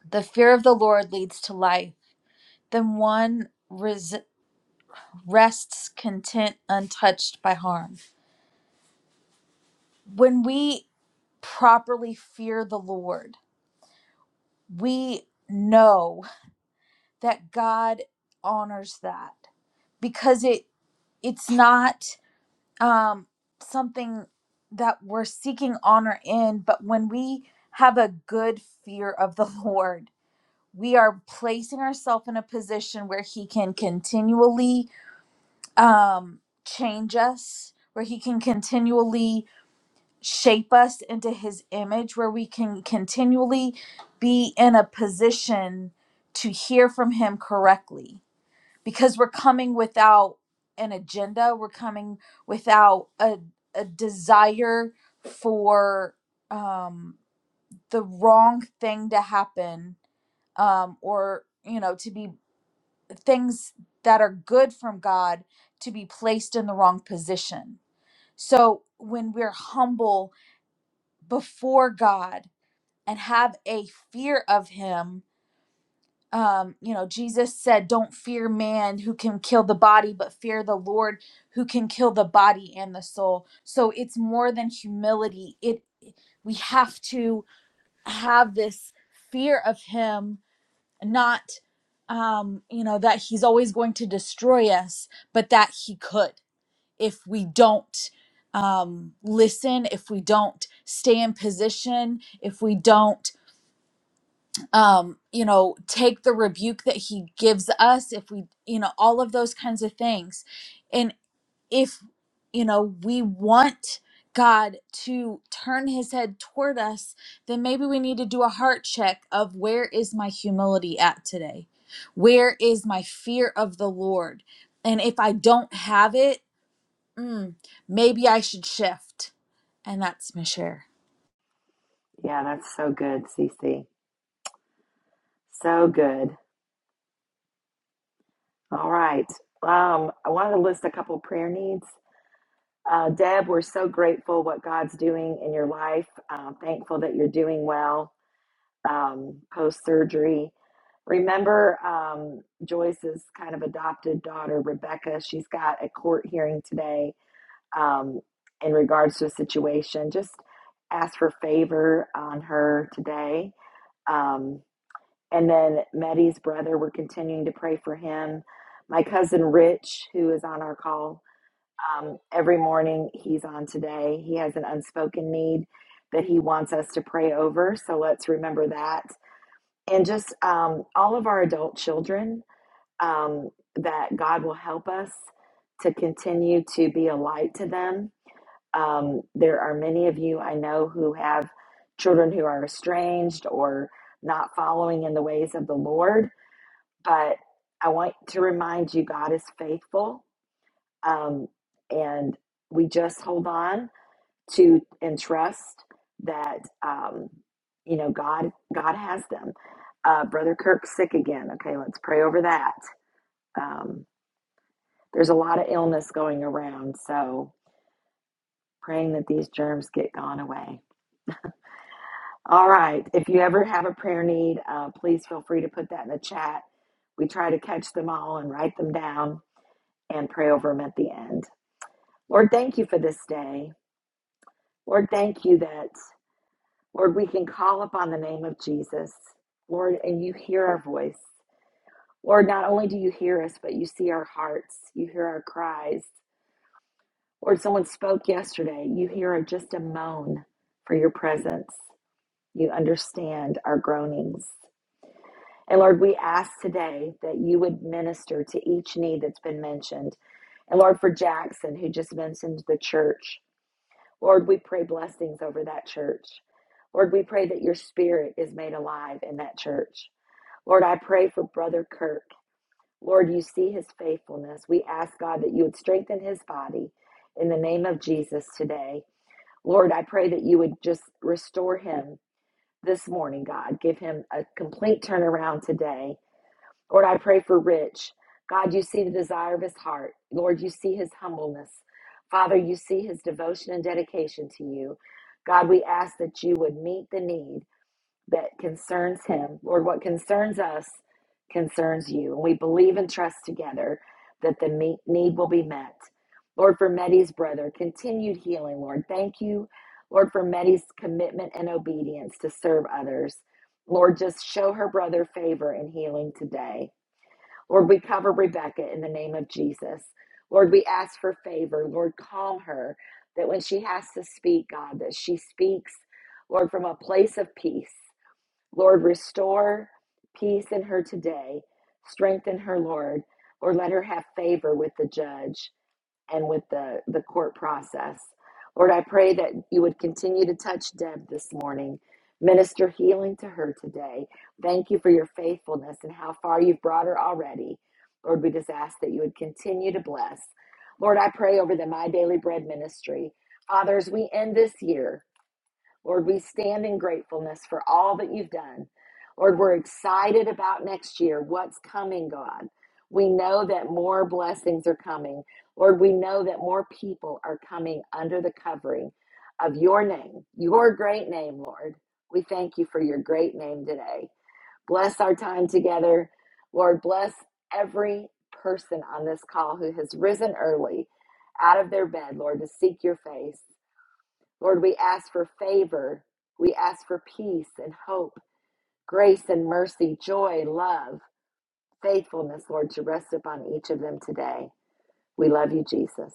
the fear of the Lord leads to life, then one res- rests content, untouched by harm. When we properly fear the Lord, we know that God honors that because it it's not um, something that we're seeking honor in, but when we have a good fear of the [LAUGHS] Lord, we are placing ourselves in a position where He can continually um, change us, where He can continually shape us into his image where we can continually be in a position to hear from him correctly because we're coming without an agenda we're coming without a, a desire for um, the wrong thing to happen um, or you know to be things that are good from god to be placed in the wrong position so when we're humble before god and have a fear of him um you know jesus said don't fear man who can kill the body but fear the lord who can kill the body and the soul so it's more than humility it we have to have this fear of him not um you know that he's always going to destroy us but that he could if we don't um listen if we don't stay in position if we don't um you know take the rebuke that he gives us if we you know all of those kinds of things and if you know we want God to turn his head toward us then maybe we need to do a heart check of where is my humility at today where is my fear of the Lord and if I don't have it mm, maybe I should shift and that's my share Yeah, that's so good, Cece. So good. All right. Um, I wanted to list a couple prayer needs. Uh, Deb, we're so grateful what God's doing in your life. Uh, thankful that you're doing well um, post surgery. Remember um, Joyce's kind of adopted daughter, Rebecca? She's got a court hearing today um, in regards to a situation. Just ask for favor on her today. Um, and then Meddy's brother, we're continuing to pray for him. My cousin Rich, who is on our call um, every morning, he's on today. He has an unspoken need that he wants us to pray over. So let's remember that and just um, all of our adult children um, that God will help us to continue to be a light to them. Um, there are many of you I know who have children who are estranged or not following in the ways of the Lord, but I want to remind you God is faithful um, and we just hold on to and trust that um, you know God God has them. Uh, Brother Kirk's sick again. Okay, let's pray over that. Um, there's a lot of illness going around, so praying that these germs get gone away. All right. If you ever have a prayer need, uh, please feel free to put that in the chat. We try to catch them all and write them down and pray over them at the end. Lord, thank you for this day. Lord, thank you that Lord, we can call upon the name of Jesus, Lord, and you hear our voice. Lord, not only do you hear us, but you see our hearts, you hear our cries. Lord, someone spoke yesterday, you hear just a moan for your presence. You understand our groanings. And Lord, we ask today that you would minister to each need that's been mentioned. And Lord, for Jackson, who just mentioned the church, Lord, we pray blessings over that church. Lord, we pray that your spirit is made alive in that church. Lord, I pray for Brother Kirk. Lord, you see his faithfulness. We ask, God, that you would strengthen his body in the name of Jesus today. Lord, I pray that you would just restore him this morning, God. Give him a complete turnaround today. Lord, I pray for Rich. God, you see the desire of his heart. Lord, you see his humbleness. Father, you see his devotion and dedication to you. God, we ask that you would meet the need that concerns him. Lord, what concerns us concerns you. And we believe and trust together that the meet, need will be met. Lord, for Medi's brother, continued healing, Lord. Thank you, Lord, for Medi's commitment and obedience to serve others. Lord, just show her brother favor and healing today. Lord, we cover Rebecca in the name of Jesus. Lord, we ask for favor. Lord, call her that when she has to speak, God, that she speaks, Lord, from a place of peace. Lord, restore peace in her today. Strengthen her, Lord. Lord, let her have favor with the judge and with the, the court process. Lord, I pray that you would continue to touch Deb this morning. Minister healing to her today. Thank you for your faithfulness and how far you've brought her already. Lord, we just ask that you would continue to bless. Lord, I pray over the My Daily Bread ministry. Fathers, we end this year. Lord, we stand in gratefulness for all that you've done. Lord, we're excited about next year, what's coming, God. We know that more blessings are coming. Lord, we know that more people are coming under the covering of your name, your great name, Lord. We thank you for your great name today. Bless our time together. Lord, bless every person on this call who has risen early out of their bed, Lord, to seek your face. Lord, we ask for favor. We ask for peace and hope, grace and mercy, joy, love, faithfulness, Lord, to rest upon each of them today. We love you, Jesus.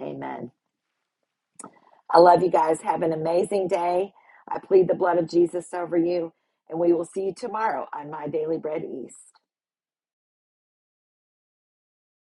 Amen. I love you guys. Have an amazing day. I plead the blood of Jesus over you, and we will see you tomorrow on My Daily Bread East.